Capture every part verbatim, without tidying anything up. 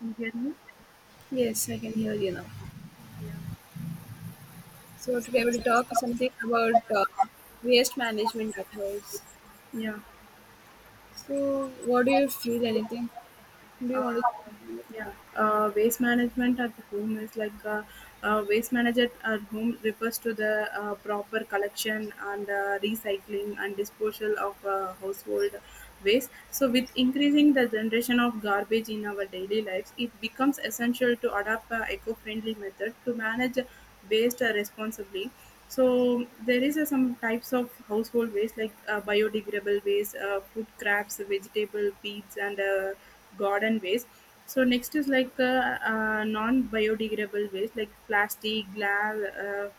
You hear me? Yes, I can hear you now. Yeah. So today we'll talk something about uh, waste management at house. Yeah. So what do you feel anything? Do you Uh, want to? yeah, uh, waste management at home is like uh, uh, waste management at home refers to the uh, proper collection and uh, recycling and disposal of uh, household waste. So, with increasing the generation of garbage in our daily lives, it becomes essential to adopt a eco-friendly method to manage waste uh, responsibly. So there is uh, some types of household waste like uh, biodegradable waste, uh, food scraps, vegetable peels, and uh, garden waste. So next is like uh, uh, non-biodegradable waste like plastic, glass, uh,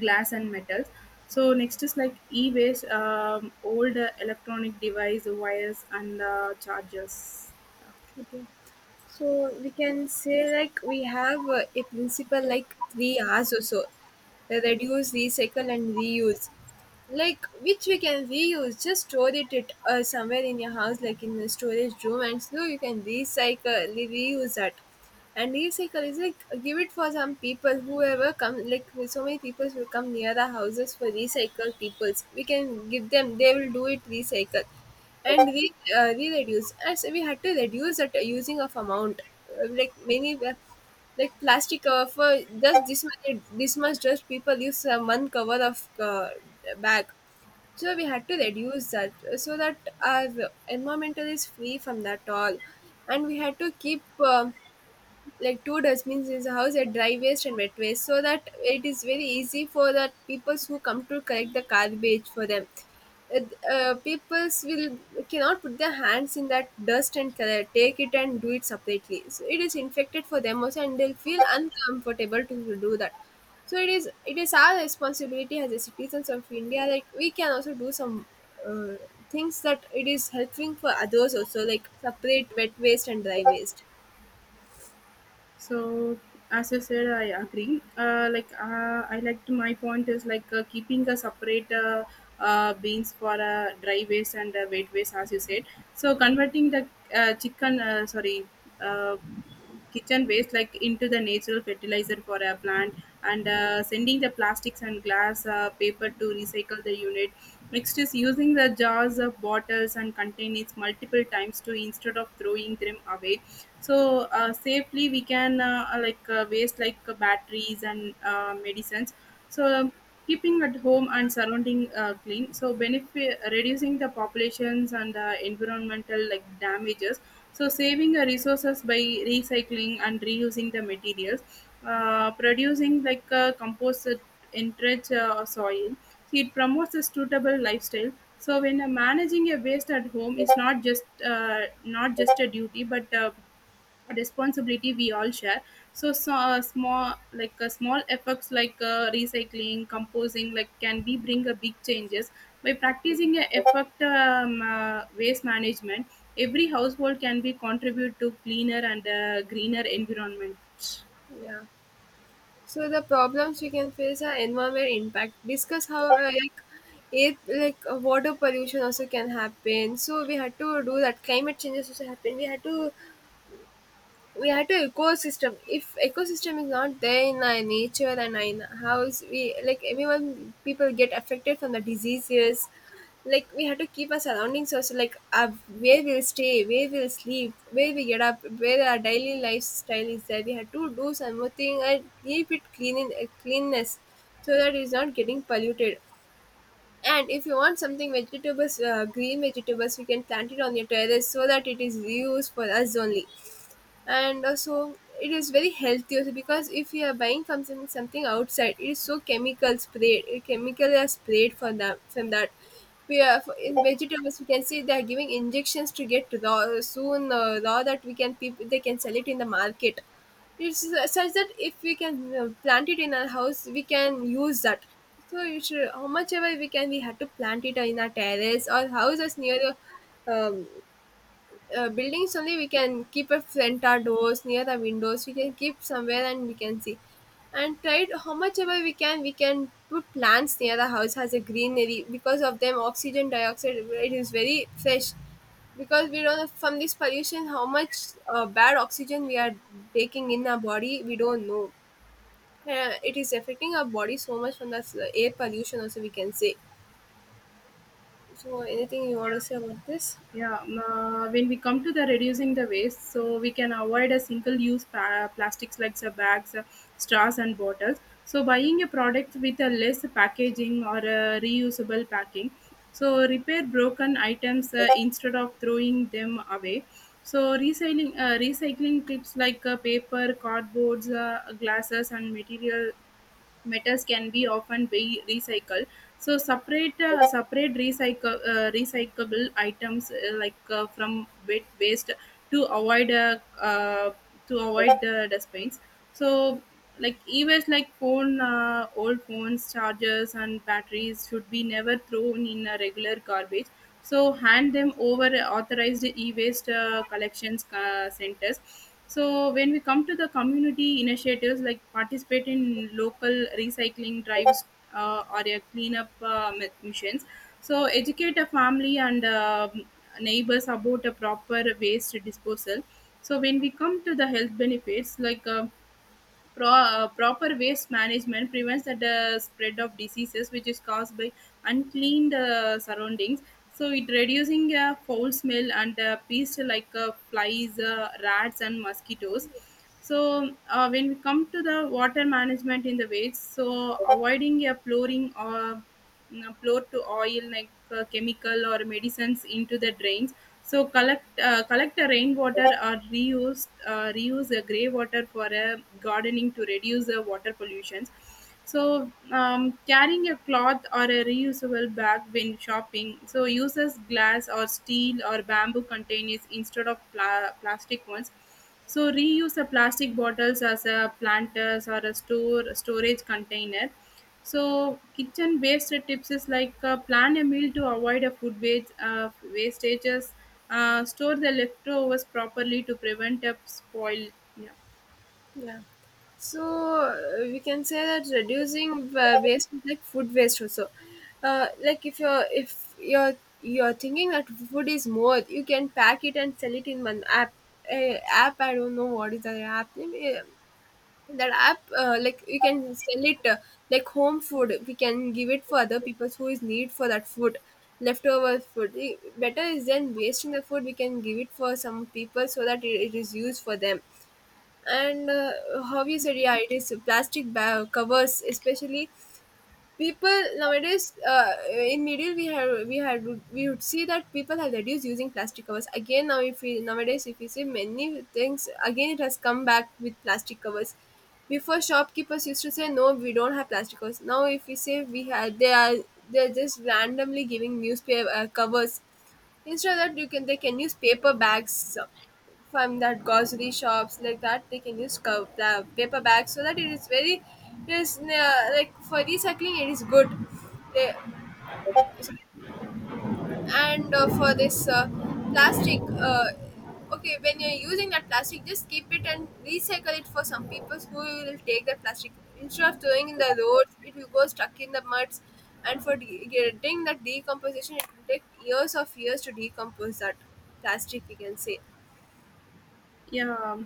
glass and metals. So next is like e-waste, um, old uh, electronic device, wires and uh, chargers. Okay. So we can say like we have uh, a principle like three R's or so. Reduce, recycle and reuse. Like which we can reuse, just store it, it uh, somewhere in your house, like in a storage room, and so you can recycle, re- reuse that. And recycle is like give it for some people, whoever come, like so many people will come near the houses for recycle peoples. We can give them, they will do it recycle and we uh, we reduce as we had to reduce that using of amount. Uh, like many uh, like plastic cover for just this much, this much, just people use uh, one cover of uh, bag, so we had to reduce that uh, so that our environmental is free from that all, and we had to keep uh, like two dustbins in the house at dry waste and wet waste so that it is very easy for the people who come to collect the garbage for them. uh, uh, Peoples will cannot put their hands in that dust and color, take it and do it separately, so it is infected for them also and they'll feel uncomfortable to do that. So it is it is our responsibility as a citizens of india, like we can also do some uh, things that it is helping for others also, like separate wet waste and dry waste. So as I said, I agree. Uh, like uh, I like to, my point is like uh, keeping a separate uh, uh, beans for uh, dry waste and uh, wet waste, as you said. So converting the uh, chicken, uh, sorry, uh, kitchen waste like into the natural fertilizer for a plant, and uh, sending the plastics and glass uh, paper to recycle the unit. Next is using the jars of bottles and containers multiple times to instead of throwing them away. So uh, safely we can uh, uh, like uh, waste like uh, batteries and uh, medicines. So um, keeping at home and surrounding uh, clean so benefit reducing the populations and uh, environmental like damages. So saving your resources by recycling and reusing the materials, uh, producing like a composite enriched uh, soil. So it promotes a suitable lifestyle. So when uh, managing a waste at home is not just uh, not just a duty but a a responsibility we all share. So, so uh, small like uh, small efforts like uh, recycling composing like can be bring a big changes by practicing a effect um, uh, waste management. Every household can be contribute to cleaner and uh, greener environment. Yeah. So the problems we can face are environment impact. Discuss how uh, like it like uh, water pollution also can happen. So we had to do that. Climate changes also happen. We had to we had to ecosystem, if ecosystem is not there in our nature and in house, we like everyone people get affected from the diseases. Like we have to keep our surroundings also like uh, where we'll stay, where we'll sleep, where we get up, where our daily lifestyle is there, we have to do something and keep it clean in uh, cleanness, so that it's not getting polluted. And if you want something vegetables, uh, green vegetables, we can plant it on your terrace so that it is used for us only. And also it is very healthy also, because if you are buying something, something outside, it is so chemical sprayed, uh, chemical are sprayed for that. From that, we are for- in vegetables we can see they are giving injections to get raw soon, uh, raw that we can people they can sell it in the market. It's su- such that if we can uh, plant it in our house we can use that. So you should, how much ever we can, we have to plant it in our terrace or house is near the um, uh, buildings only. We can keep a front our doors, near the windows we can keep somewhere and we can see. And tried how much ever we can, we can put plants near the house as a greenery, because of them oxygen dioxide it is very fresh. Because we don't know from this pollution how much uh, bad oxygen we are taking in our body, we don't know. Uh, it is affecting our body so much. From the s- air pollution also we can say. So anything you want to say about this? yeah um, uh, when we come to the reducing the waste, so we can avoid a single use pa- plastics like the bags, uh, straws and bottles. So buying a product with a less packaging or a reusable packing. So repair broken items uh, instead of throwing them away. So recycling uh, recycling tips like uh, paper cardboards, uh, glasses and material metals can be often be recycled. So separate uh, separate recycle uh, recyclable items uh, like uh, from wet waste to avoid uh, uh, to avoid the dustbins. So like e-waste like phone uh, old phones, chargers and batteries should be never thrown in a regular garbage. So hand them over authorized e-waste uh, collections uh, centers. So when we come to the community initiatives like participate in local recycling drives, uh, or a cleanup uh, mi- missions. So educate a family and uh, neighbors about a proper waste disposal. So when we come to the health benefits like uh, Pro, uh, proper waste management prevents the uh, spread of diseases which is caused by uncleaned uh, surroundings. So it reducing uh, foul smell and uh, pests like uh, flies, uh, rats and mosquitoes. So uh, when we come to the water management in the waste, so avoiding a pouring or uh, pour to oil like uh, chemical or medicines into the drains. So collect uh, collect the rainwater or reuse uh, reuse the grey water for uh, gardening to reduce the water pollution. So um, carrying a cloth or a reusable bag when shopping. So uses glass or steel or bamboo containers instead of pla- plastic ones. So reuse the plastic bottles as a planters or a store storage container. So kitchen waste tips is like uh, plan a meal to avoid a food waste uh, wastages. Uh, store the leftovers properly to prevent a spoil. Yeah, Yeah. So uh, we can say that reducing uh, waste is like food waste also. Uh, like if you're if you're you're thinking that food is more, you can pack it and sell it in one app. A app, I don't know what is that app name. Eh, that app uh, like you can sell it uh, like home food. We can give it for other people who is need for that food, leftover food. Eh, better is than wasting the food. We can give it for some people so that it, it is used for them. And uh, how you said, yeah, it is plastic bag covers especially. People nowadays, uh, in media, we have we had we would see that people have reduced using plastic covers. Again now, if we nowadays if we see many things again, it has come back with plastic covers. Before, shopkeepers used to say no, we don't have plastic covers. Now if we say we had, they are they're just randomly giving newspaper uh, covers. Instead of that, you can, they can use paper bags uh, from that grocery shops, like that they can use co- pla- paper bags so that it is very, it is uh, like for recycling it is good. They, and uh, for this uh, plastic uh, okay, when you're using that plastic, just keep it and recycle it for some people who will take that plastic, instead of throwing in the roads it will go stuck in the muds. And for de- getting that decomposition, it will take years of years to decompose that plastic, we can say. yeah.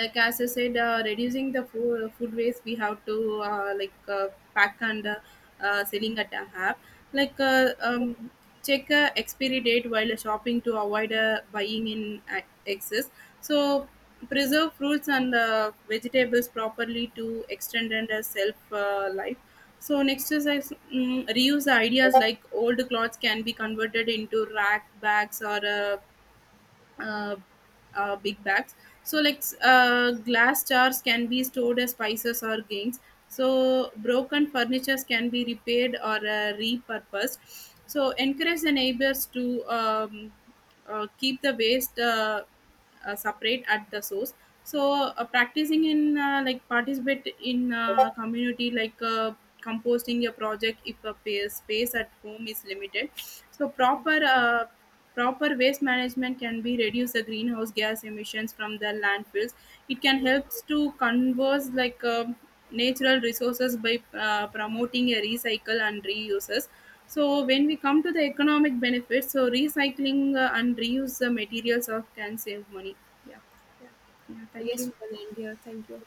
Like as I said, uh, reducing the food, food waste, we have to uh, like uh, pack and uh, uh, selling at a app, like uh, um, check uh, expiry date while shopping to avoid uh, buying in uh, excess. So preserve fruits and uh, vegetables properly to extend and uh, self uh, life. So next is I s- mm reuse ideas like old clothes can be converted into rack bags or uh, uh, uh, big bags. So like s- uh, glass jars can be stored as spices or gains. So broken furnitures can be repaired or uh, repurposed. So encourage the neighbors to um, uh, keep the waste uh, uh, separate at the source. So uh, practicing in uh, like participate in uh, community like uh, composting your project if a pa- space at home is limited. So proper uh, Proper waste management can be reduce the greenhouse gas emissions from the landfills. It can Yeah. helps to converse like um natural resources by uh, promoting a recycle and reuses. So when we come to the economic benefits, so recycling uh, and reuse the materials of can save money. Yeah, yeah. I Thank guess you. we can end here. Thank you.